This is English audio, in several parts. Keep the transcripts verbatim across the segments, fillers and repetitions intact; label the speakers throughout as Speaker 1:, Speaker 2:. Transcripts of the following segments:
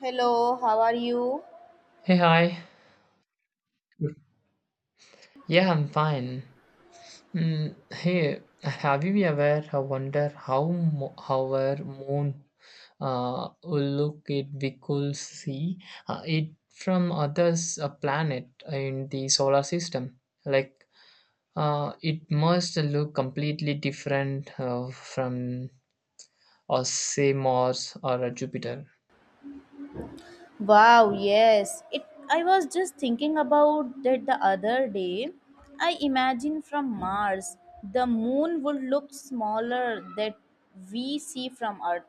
Speaker 1: Hello, how are you?
Speaker 2: Hey, hi. Yeah, I'm fine. Mm, hey, have you ever wondered how mo- how our moon uh, will look it we could see uh, it from others a planet in the solar system? Like, uh, it must look completely different uh, from, or say, Mars or uh, Jupiter.
Speaker 1: Wow, yes. It I was just thinking about that the other day. I imagine from Mars, the moon would look smaller that we see from Earth,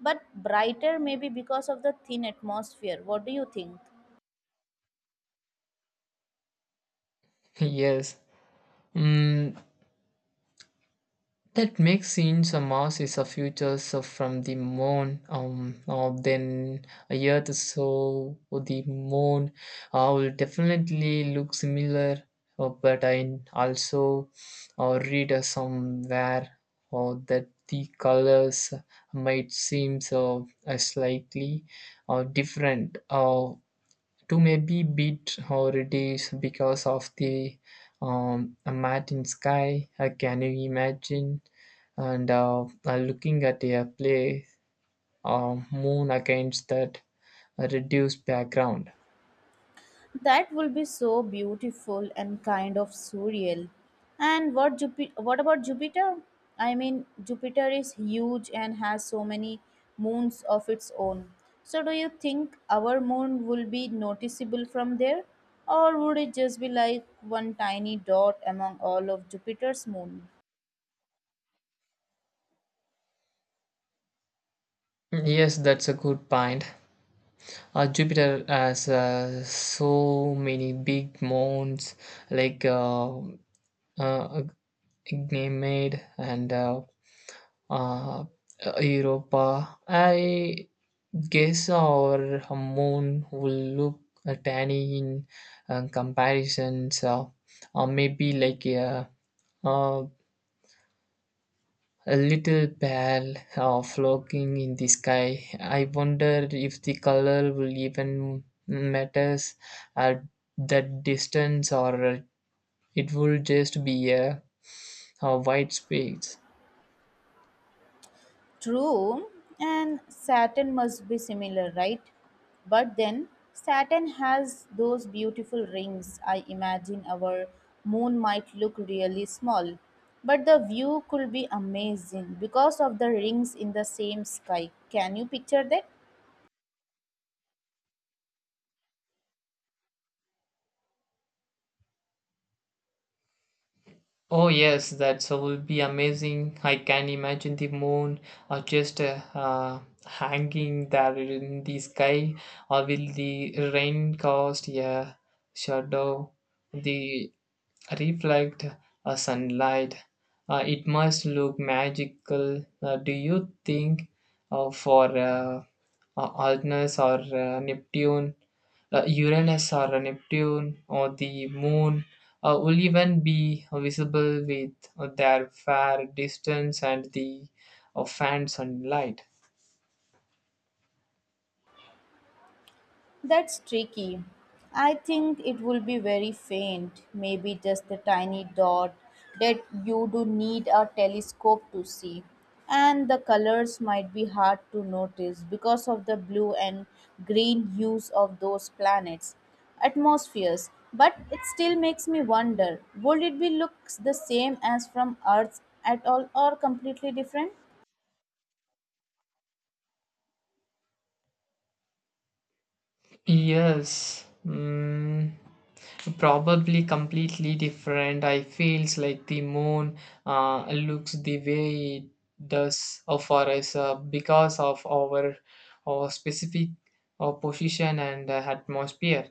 Speaker 1: but brighter maybe because of the thin atmosphere. What do you think?
Speaker 2: yes. Mm, That makes sense. A Mars is a future so from the moon. Um, uh, then a Earth, so the moon uh, will definitely look similar. Uh, but I also uh, read uh, somewhere uh, that the colors might seem so uh, slightly uh, different. Uh, to maybe beat or reduce because of the um, a mat in sky. Uh, can you imagine? And uh, uh, looking at a play, uh, moon against that reduced background.
Speaker 1: That will be so beautiful and kind of surreal. And what Jupi- what about Jupiter? I mean, Jupiter is huge and has so many moons of its own. So do you think our moon will be noticeable from there, or would it just be like one tiny dot among all of Jupiter's moon?
Speaker 2: Yes, that's a good point. Uh, Jupiter has uh, so many big moons like uh, uh, Ganymede and uh, uh, Europa. I Gesa or a moon will look uh, tiny in uh, comparisons, uh, or maybe like a, uh, a little ball uh, floating in the sky. I wonder if the color will even matters at that distance or it will just be a, a white space.
Speaker 1: True, and Saturn must be similar, right? But then Saturn has those beautiful rings. I imagine our moon might look really small, but the view could be amazing because of the rings in the same sky. Can you picture that?
Speaker 2: Oh yes, that will be amazing. I can imagine the moon or just uh, uh, hanging there in the sky, or will the rain cast a shadow, the reflect uh, sunlight. Uh, it must look magical. Uh, do you think uh, for uh, uh, Uranus or uh, Neptune, uh, Uranus or Neptune or the moon uh, will even be visible with uh, their fair distance and the uh, fan sunlight.
Speaker 1: That's tricky. I think it will be very faint, maybe just a tiny dot that you do need a telescope to see. And the colors might be hard to notice because of the blue and green hues of those planets' atmospheres. But it still makes me wonder, would it be looks the same as from Earth at all or completely different?
Speaker 2: Yes, mm, probably completely different. I feels like the moon uh, looks the way it does uh, for us uh, because of our, our specific uh, position and uh, atmosphere.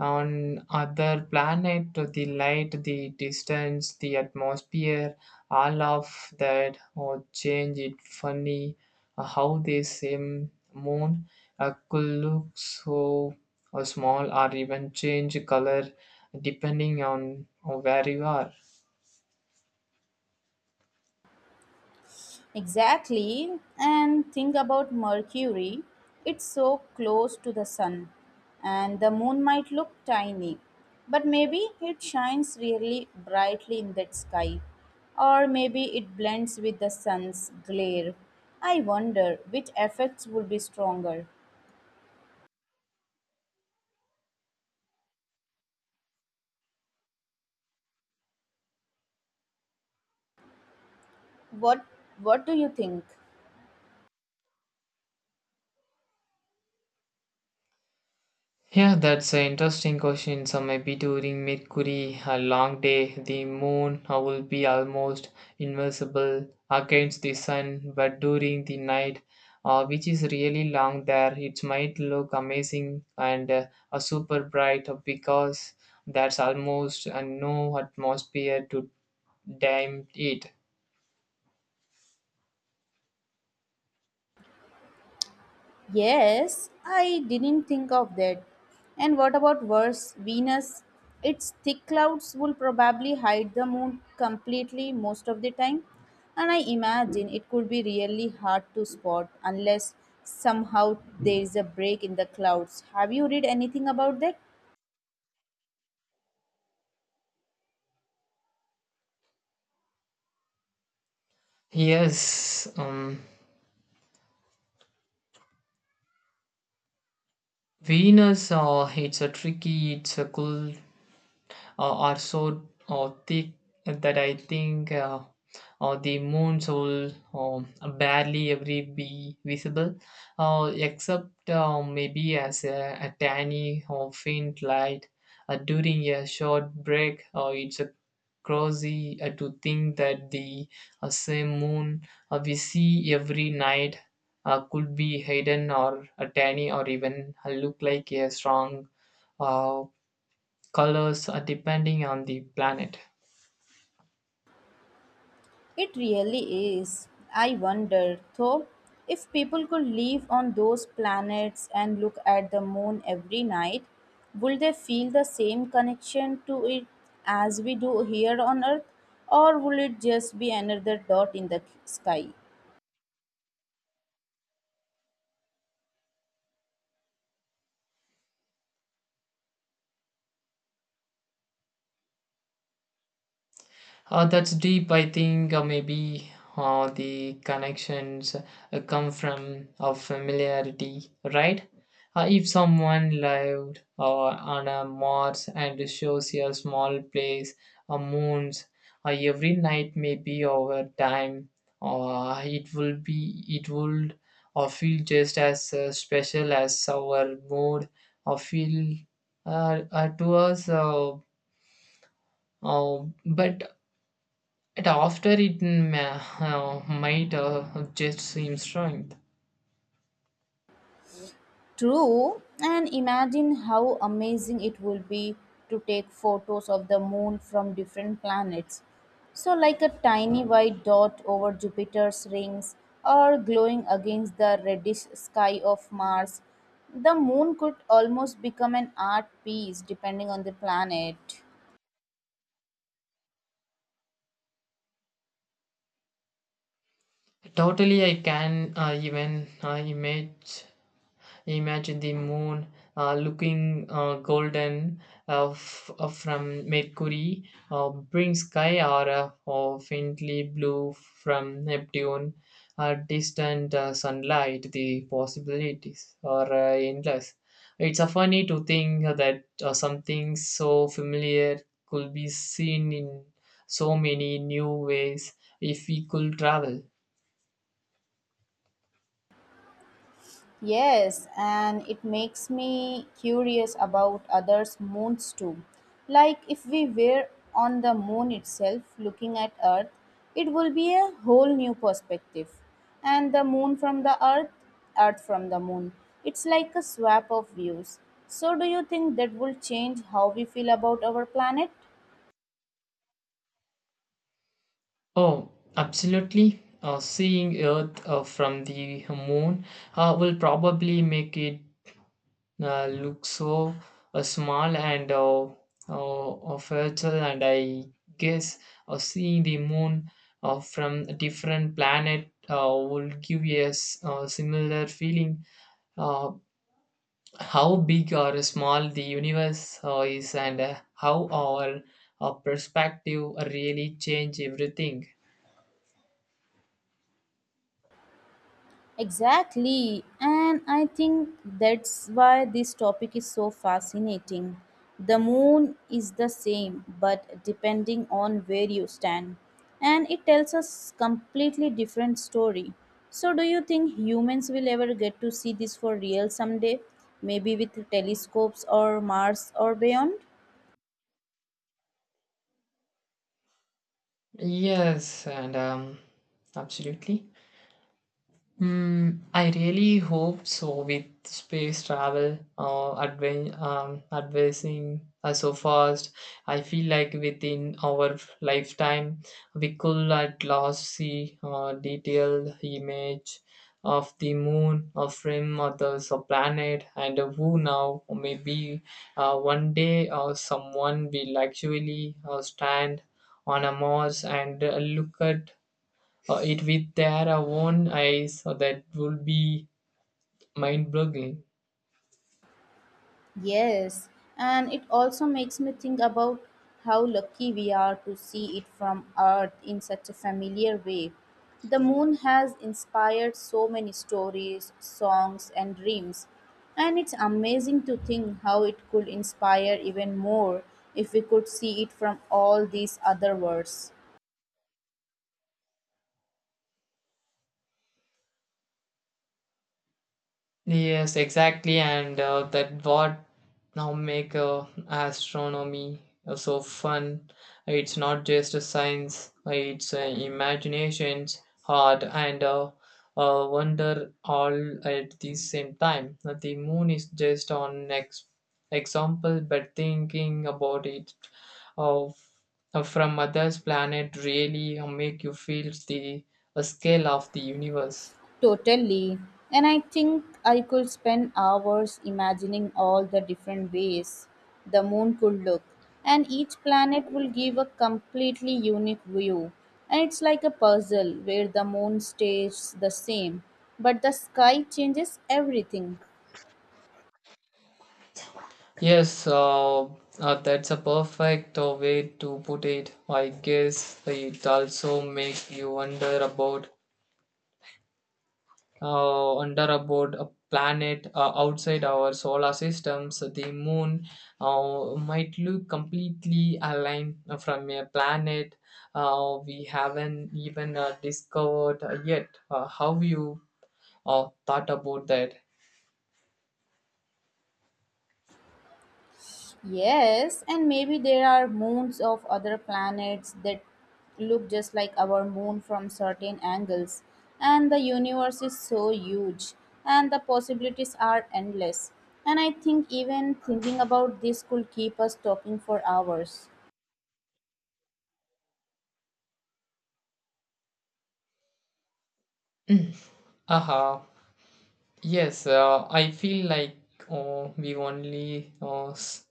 Speaker 2: On other planet, the light, the distance, the atmosphere, all of that or change it funny uh, how the same moon uh, could look so uh, small or even change color depending on where you are.
Speaker 1: Exactly. And think about Mercury. It's so close to the sun, and the moon might look tiny, but maybe it shines really brightly in that sky, or maybe it blends with the sun's glare. I wonder which effects would be stronger. What what do you think?
Speaker 2: Yeah, that's an interesting question. So maybe during Mercury, a long day, the moon uh, will be almost invisible against the sun, but during the night, uh, which is really long there, it might look amazing and uh, uh, super bright because there's almost uh, no atmosphere to dim it.
Speaker 1: Yes, I didn't think of that. And what about worse, Venus? Its thick clouds will probably hide the moon completely most of the time. And I imagine it could be really hard to spot unless somehow there is a break in the clouds. Have you read anything about that?
Speaker 2: Yes, um, Venus, uh, it's a tricky, it's a cool uh, are so uh, thick that I think uh, uh, the moon's will um, barely ever be visible, uh, except uh, maybe as a, a tiny or faint light uh, during a short break. Uh, it's a crazy uh, to think that the uh, same moon uh, we see every night uh, could be hidden or a tiny or even uh, look like a strong uh, colors uh, depending on the planet.
Speaker 1: It really is. I wonder, though, if people could live on those planets and look at the moon every night, would they feel the same connection to it as we do here on Earth, or will it just be another dot in the sky?
Speaker 2: Uh, that's deep, I think. Uh, maybe uh, the connections uh, come from uh, familiarity, right? Uh, if someone lived uh, on a Mars and shows a small place, a moons, uh, every night, maybe over time, uh, it will be, it would uh, feel just as uh, special as our mood or feel uh, uh, to us. Uh, Uh, but at after it ma- uh, might uh, just seem strange.
Speaker 1: True, and imagine how amazing it would be to take photos of the moon from different planets. So, like a tiny white dot over Jupiter's rings or glowing against the reddish sky of Mars, the moon could almost become an art piece depending on the planet.
Speaker 2: Totally, I can uh, even uh, image Imagine the moon uh, looking uh, golden uh, f- uh, from Mercury, uh, brings sky aura or faintly blue from Neptune, uh, distant uh, sunlight. The possibilities are uh, endless. It's uh, funny to think that uh, something so familiar could be seen in so many new ways if we could travel.
Speaker 1: Yes, and it makes me curious about others' moons too. Like if we were on the moon itself looking at Earth, it will be a whole new perspective. And the moon from the Earth, Earth from the moon. It's like a swap of views. So, do you think that will change how we feel about our planet?
Speaker 2: Oh, absolutely. Uh, seeing Earth uh, from the moon uh, will probably make it uh, look so uh, small and uh, uh, fragile. And I guess uh, seeing the moon uh, from a different planet uh, will give us a s- uh, similar feeling. Uh, how big or small the universe uh, is, and uh, how our uh, perspective really change everything.
Speaker 1: Exactly, and I think that's why this topic is so fascinating. The moon is the same, but depending on where you stand, and it tells us completely different story. So, do you think humans will ever get to see this for real someday? Maybe with telescopes or Mars or beyond?
Speaker 2: Yes, and um, absolutely. Hmm. I really hope so. With space travel uh, adven- um, advancing uh, so fast, I feel like within our lifetime, we could at last see uh, detailed image of the moon, or from others, a planet, and uh, who now? Or Maybe uh, one day uh, someone will actually uh, stand on a Mars and uh, look at uh, it with their own eyes so that would be mind-boggling.
Speaker 1: Yes, and it also makes me think about how lucky we are to see it from Earth in such a familiar way. The moon has inspired so many stories, songs, and dreams, and it's amazing to think how it could inspire even more if we could see it from all these other worlds.
Speaker 2: Yes, exactly, and uh, that what now make uh, astronomy uh, so fun. It's not just a science; uh, it's uh, imagination, heart, and uh, uh, wonder all at the same time. Uh, The moon is just an ex- example, but thinking about it of uh, from others' planet really uh, make you feel the uh, scale of the universe.
Speaker 1: Totally. And I think I could spend hours imagining all the different ways the moon could look. And each planet will give a completely unique view. And it's like a puzzle where the moon stays the same, but the sky changes everything.
Speaker 2: Yes, uh, uh, that's a perfect uh, way to put it. I guess it also makes you wonder about uh, wonder about a planet uh, outside our solar systems. The moon uh, might look completely aligned from a planet uh, we haven't even uh, discovered yet. Uh, how you uh, thought about that?
Speaker 1: Yes, and maybe there are moons of other planets that look just like our moon from certain angles. And the universe is so huge, and the possibilities are endless. And I think even thinking about this could keep us talking for hours.
Speaker 2: Aha. Yes, uh, I feel like uh, we've only uh, s-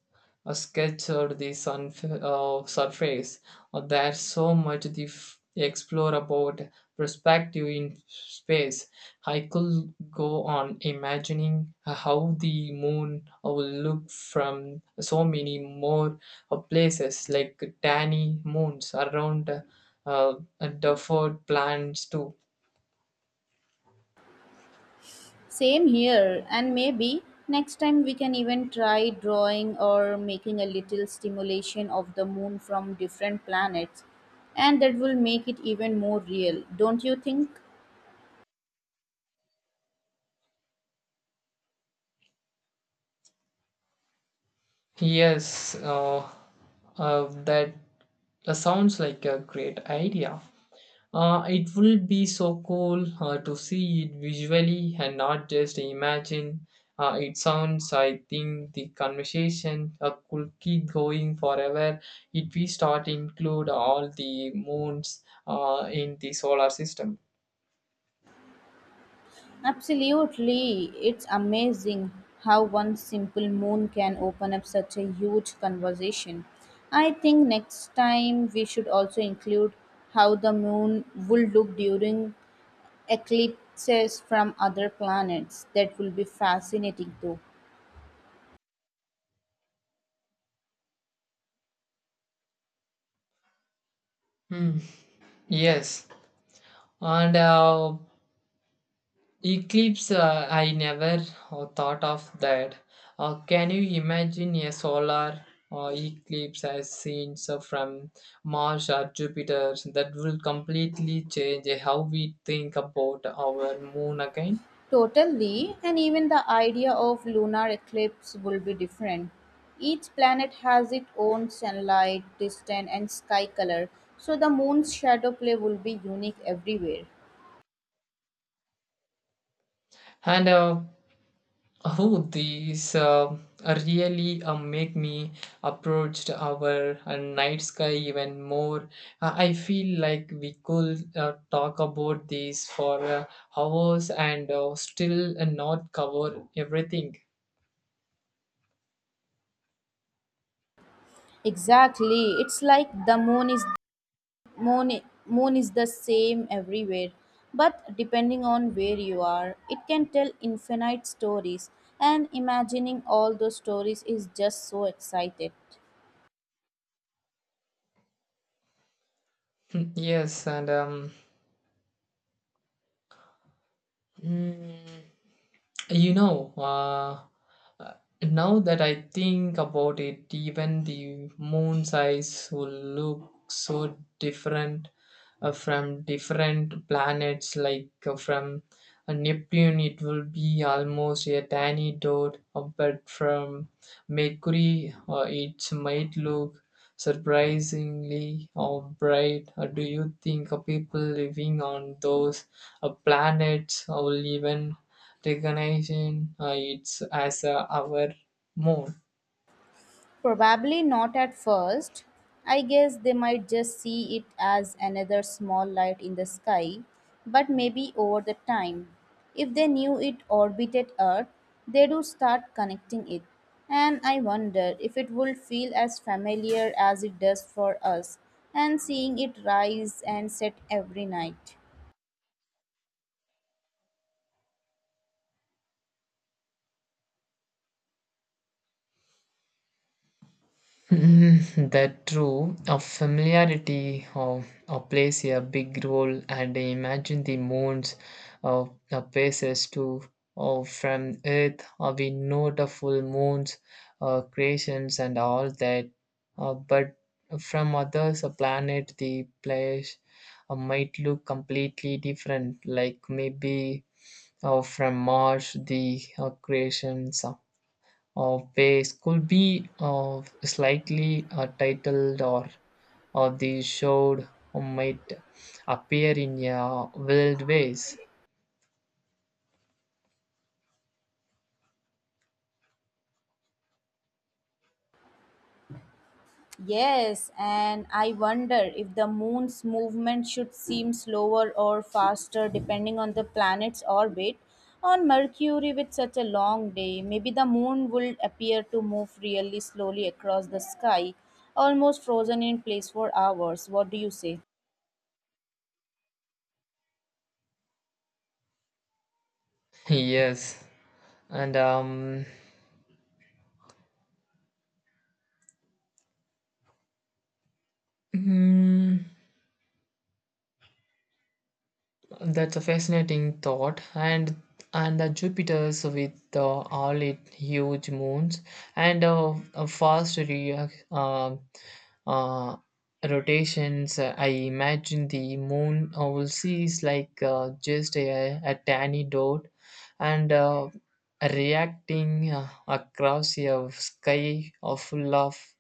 Speaker 2: uh, sketched the sunf uh, surface. Uh, there's so much to f- explore about perspective in space. I could go on imagining how the moon uh, will look from so many more uh, places, like tiny moons around uh, uh, Duffer plants too.
Speaker 1: Same here, and maybe next time we can even try drawing or making a little stimulation of the moon from different planets, and that will make it even more real, don't you think?
Speaker 2: Yes, uh, uh, that uh, sounds like a great idea. Uh, it will be so cool uh, to see it visually and not just imagine. Uh, it sounds, I think, the conversation uh, could keep going forever if we start include all the moons uh, in the solar system.
Speaker 1: Absolutely. It's amazing how one simple moon can open up such a huge conversation. I think next time we should also include how the moon will look during eclipses from other planets. That will be fascinating too.
Speaker 2: Hmm. Yes, and uh, Eclipse, uh, I never uh, thought of that. Uh, can you imagine a solar uh, eclipse as seen so from Mars or Jupiter that will completely change how we think about our moon again?
Speaker 1: Totally, and even the idea of lunar eclipse will be different. Each planet has its own sunlight, distance, and sky color, so the moon's shadow play will be unique everywhere.
Speaker 2: And uh, Oh, these uh, really uh, make me approach our uh, night sky even more. Uh, I feel like we could uh, talk about these for uh, hours and uh, still uh, not cover everything.
Speaker 1: Exactly, it's like the moon is moon moon is the same everywhere, but depending on where you are, it can tell infinite stories, and imagining all those stories is just so excited.
Speaker 2: yes, and um, mm, You know, uh, uh, now that I think about it, even the moon size will look so different uh, from different planets. Like uh, from uh, Neptune, it will be almost a tiny dot, uh, but from Mercury, uh, it might look surprisingly uh, bright. Uh, do you think uh, people living on those uh, planets will even recognizing uh, it as uh, our moon.
Speaker 1: Probably not at first. I guess they might just see it as another small light in the sky, but maybe over the time. If they knew it orbited Earth, they do start connecting it. And I wonder if it would feel as familiar as it does for us and seeing it rise and set every night.
Speaker 2: Mm, that true of familiarity of, of plays a big role and I imagine the moons of the places too of from earth uh, we know the full moons uh, creations and all that uh, but from others a planet the place uh, might look completely different like maybe uh, from Mars, the uh, creations of ways could be uh, slightly uh, titled or, or the show might appear in uh, wild ways.
Speaker 1: Yes, and I wonder if the moon's movement should seem slower or faster depending on the planet's orbit. On Mercury, with such a long day, maybe the moon would appear to move really slowly across the sky, almost frozen in place for hours. What do you say?
Speaker 2: yes, and um, mm, That's a fascinating thought, and and the Jupiter's with uh, all its huge moons and uh, a fast re- uh, uh, rotations. uh, I imagine the moon uh, will sees like uh, just a, a tiny dot, and uh, reacting uh, across a sky uh, full of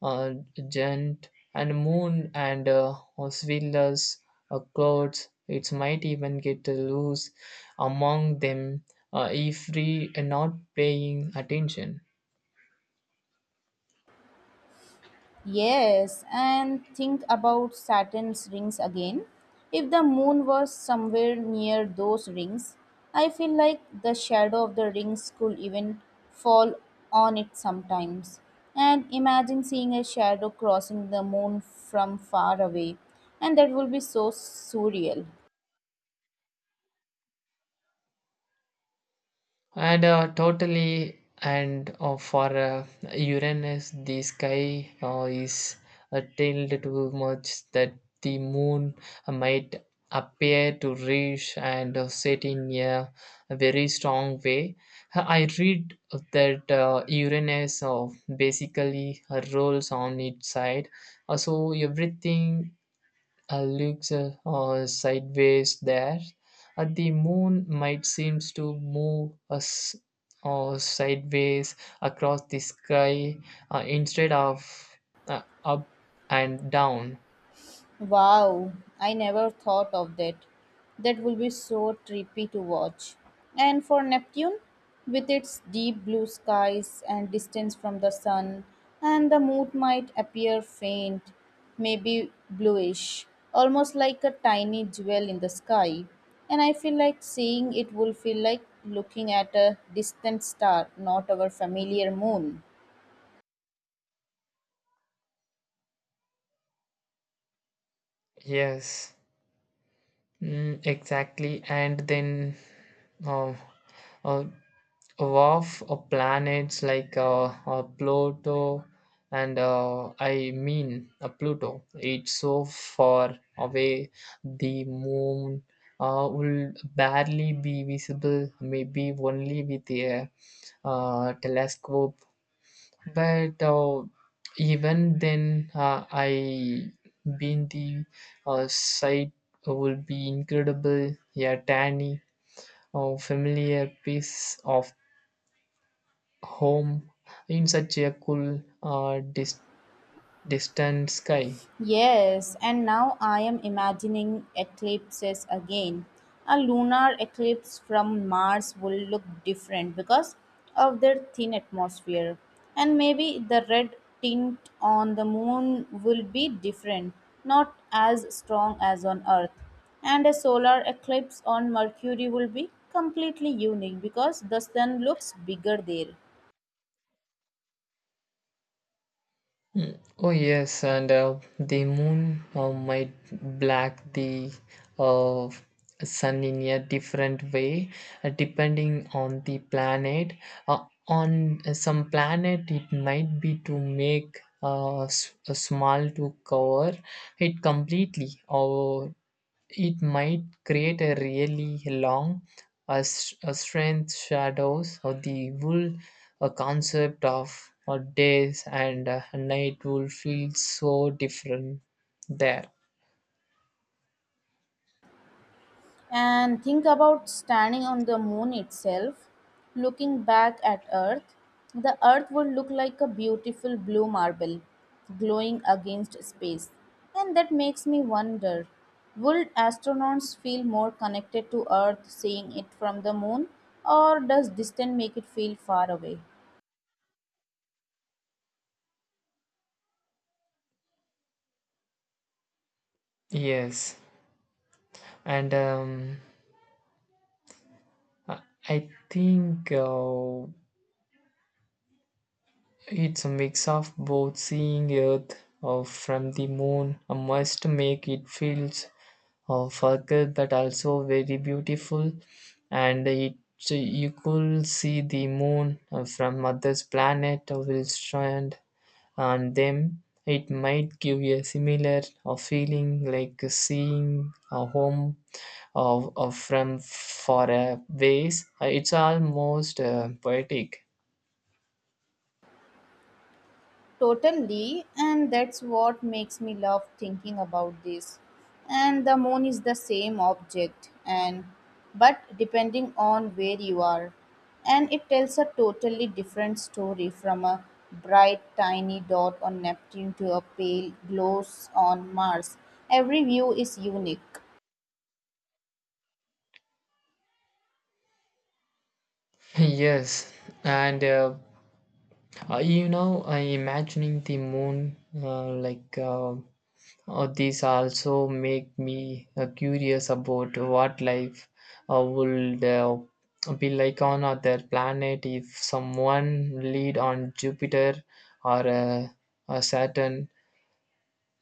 Speaker 2: uh, giant and moon and uh, swindlers uh, clouds. It might even get loose among them uh, if we are not paying attention.
Speaker 1: Yes, and think about Saturn's rings again. If the moon was somewhere near those rings, I feel like the shadow of the rings could even fall on it sometimes. And imagine seeing a shadow crossing the moon from far away, and that will be so surreal.
Speaker 2: And uh, Totally, and uh, for uh, Uranus, the sky uh, is uh, tilted too much that the moon uh, might appear to reach and uh, set in a very strong way. I read that uh, Uranus uh, basically uh, rolls on its side, uh, so everything uh, looks uh, uh, sideways there. Uh, the moon might seems to move us uh, sideways across the sky uh, instead of uh, up and down.
Speaker 1: Wow, I never thought of that. That will be so trippy to watch. And for Neptune, with its deep blue skies and distance from the sun, and the moon might appear faint, maybe bluish, almost like a tiny jewel in the sky. And I feel like seeing it will feel like looking at a distant star, not our familiar moon.
Speaker 2: Yes, mm, exactly. And then uh, uh, Of uh, planets like uh, uh, Pluto, and uh, I mean uh, Pluto, it's so far away. The moon uh, will barely be visible, maybe only with a uh, telescope. But uh, even then, uh, I been the uh, sight will be incredible. A tiny, uh, familiar piece of home in such a cool, uh, dis- distant sky.
Speaker 1: Yes, and now I am imagining eclipses again. A lunar eclipse from Mars will look different because of their thin atmosphere. And maybe the red tint on the moon will be different, not as strong as on Earth. And a solar eclipse on Mercury will be completely unique because the sun looks bigger there.
Speaker 2: Oh yes, and uh, the moon uh, might black the uh, sun in a different way, uh, depending on the planet. Uh, on some planet, it might be to make uh, s- a small to cover it completely, or It might create a really long, a, s- a strength shadows or the whole a concept of uh, days and uh, night will feel so different there.
Speaker 1: And think about standing on the moon itself, looking back at Earth. The Earth would look like a beautiful blue marble glowing against space. And that makes me wonder, would astronauts feel more connected to Earth seeing it from the moon, or does distance make it feel far away?
Speaker 2: Yes, and um, I I think uh, it's a mix of both seeing Earth uh, from the moon uh, must make it feels of Urkel that also very beautiful and it so you could see the moon uh, from others planet uh, will strand on them it might give you a similar uh, feeling like seeing a home of, of from far uh, ways. Uh, it's almost uh, poetic.
Speaker 1: Totally, and that's what makes me love thinking about this. And the moon is the same object, and but depending on where you are, and it tells a totally different story from a bright tiny dot on Neptune to a pale glow on Mars. Every view is unique.
Speaker 2: yes and uh, uh, you know uh, imagining the moon uh, like uh, Uh, these also make me uh, curious about what life uh, would uh, be like on other planet if someone lived on Jupiter or uh, uh, Saturn.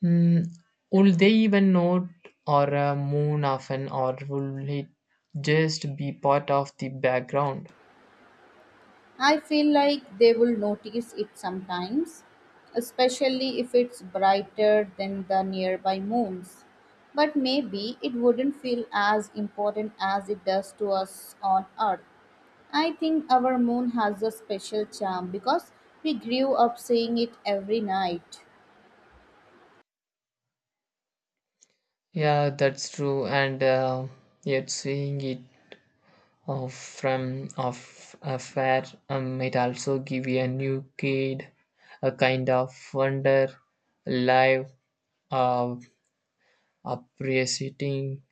Speaker 2: Mm, would they even know or a moon often or will it just be part of the background?
Speaker 1: I feel like they will notice it sometimes, especially if it's brighter than the nearby moons. But maybe it wouldn't feel as important as it does to us on Earth. I think our moon has a special charm because we grew up seeing it every night.
Speaker 2: Yeah, that's true. And uh, yet seeing it uh, from of a fair um, might also give you a new kid a kind of wonder live uh, appreciating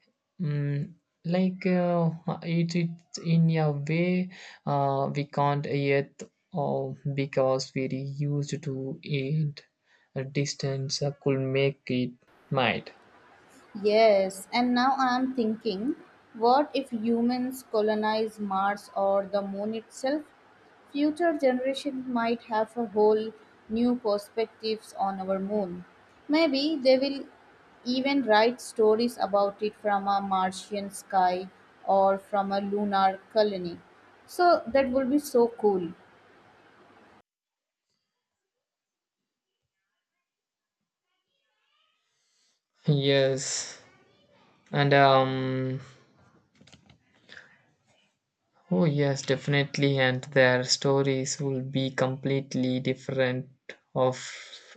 Speaker 2: mm, like uh, it, it in a way uh, we can't yet uh, because we're used to it a distance uh, could make it might.
Speaker 1: Yes, and now I'm thinking, what if humans colonize Mars or the moon itself? Future generations might have a whole new perspectives on our moon. Maybe they will even write stories about it from a Martian sky or from a lunar colony. So that would be so cool.
Speaker 2: Yes and um Oh, yes, definitely, and their stories will be completely different of,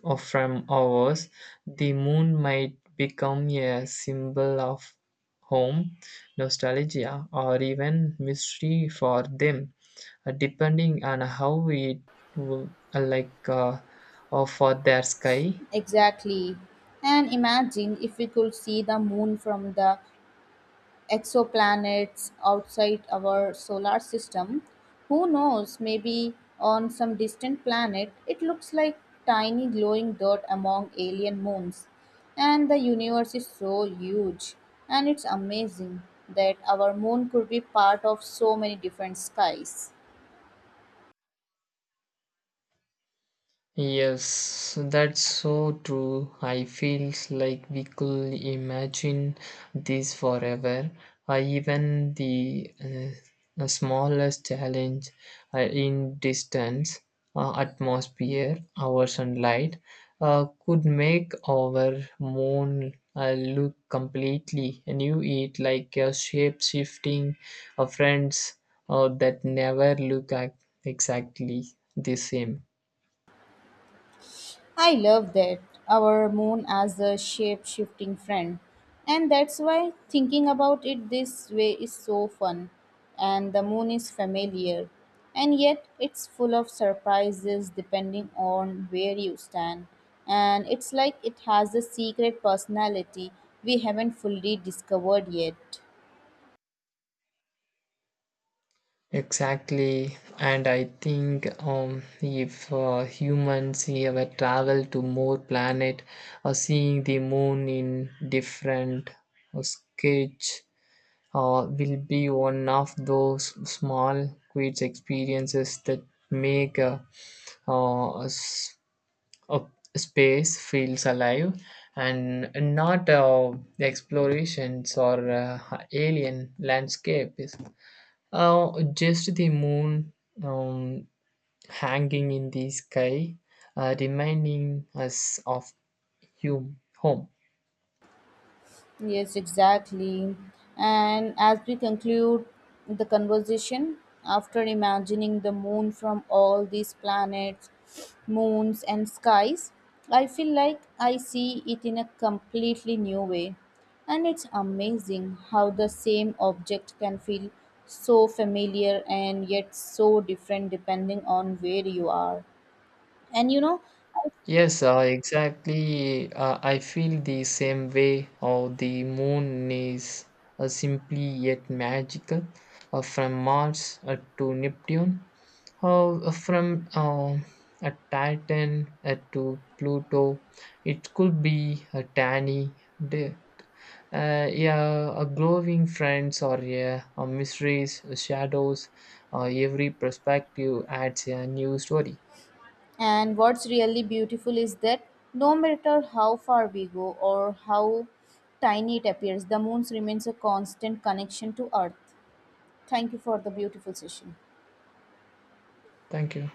Speaker 2: of from ours. The moon might become a symbol of home, nostalgia, or even mystery for them, uh, depending on how it will, uh, like uh, or for their sky.
Speaker 1: Exactly. And imagine if we could see the moon from the exoplanets outside our solar system. Who knows, maybe on some distant planet it looks like tiny glowing dot among alien moons. And the universe is so huge, and it's amazing that our moon could be part of so many different skies.
Speaker 2: Yes, that's so true. I feel like we could imagine this forever. Uh, even the uh, the smallest challenge uh, in distance, uh, atmosphere, hours, and light uh, could make our moon uh, look completely new. It like a shape shifting uh, friends uh, that never look ac- exactly the same.
Speaker 1: I love that our moon as a shape shifting friend. And that's why thinking about it this way is so fun. And the moon is familiar. And yet it's full of surprises depending on where you stand. And it's like it has a secret personality we haven't fully discovered yet.
Speaker 2: Exactly, and I think um, if uh, humans ever travel to more planet or seeing the moon in different uh, sketch uh, will be one of those small quiet experiences that make uh, uh, s- uh, space feels alive and not uh, explorations or uh, alien landscapes. Uh, just the moon um, hanging in the sky, uh, reminding us of hum- home.
Speaker 1: Yes, exactly. And as we conclude the conversation, after imagining the moon from all these planets, moons, and skies, I feel like I see it in a completely new way. And it's amazing how the same object can feel so familiar and yet so different depending on where you are. And you know, I.
Speaker 2: Yes, uh, exactly. Uh, I feel the same way. How the moon is uh, simply yet magical. Uh, from Mars uh, to Neptune, how uh, from uh, a Titan uh, to Pluto, it could be a tiny day. Uh, yeah, a glowing friends or yeah, a mysteries, shadows, uh, every perspective adds a new story.
Speaker 1: And what's really beautiful is that no matter how far we go or how tiny it appears, the moon remains a constant connection to Earth. Thank you for the beautiful session.
Speaker 2: Thank you.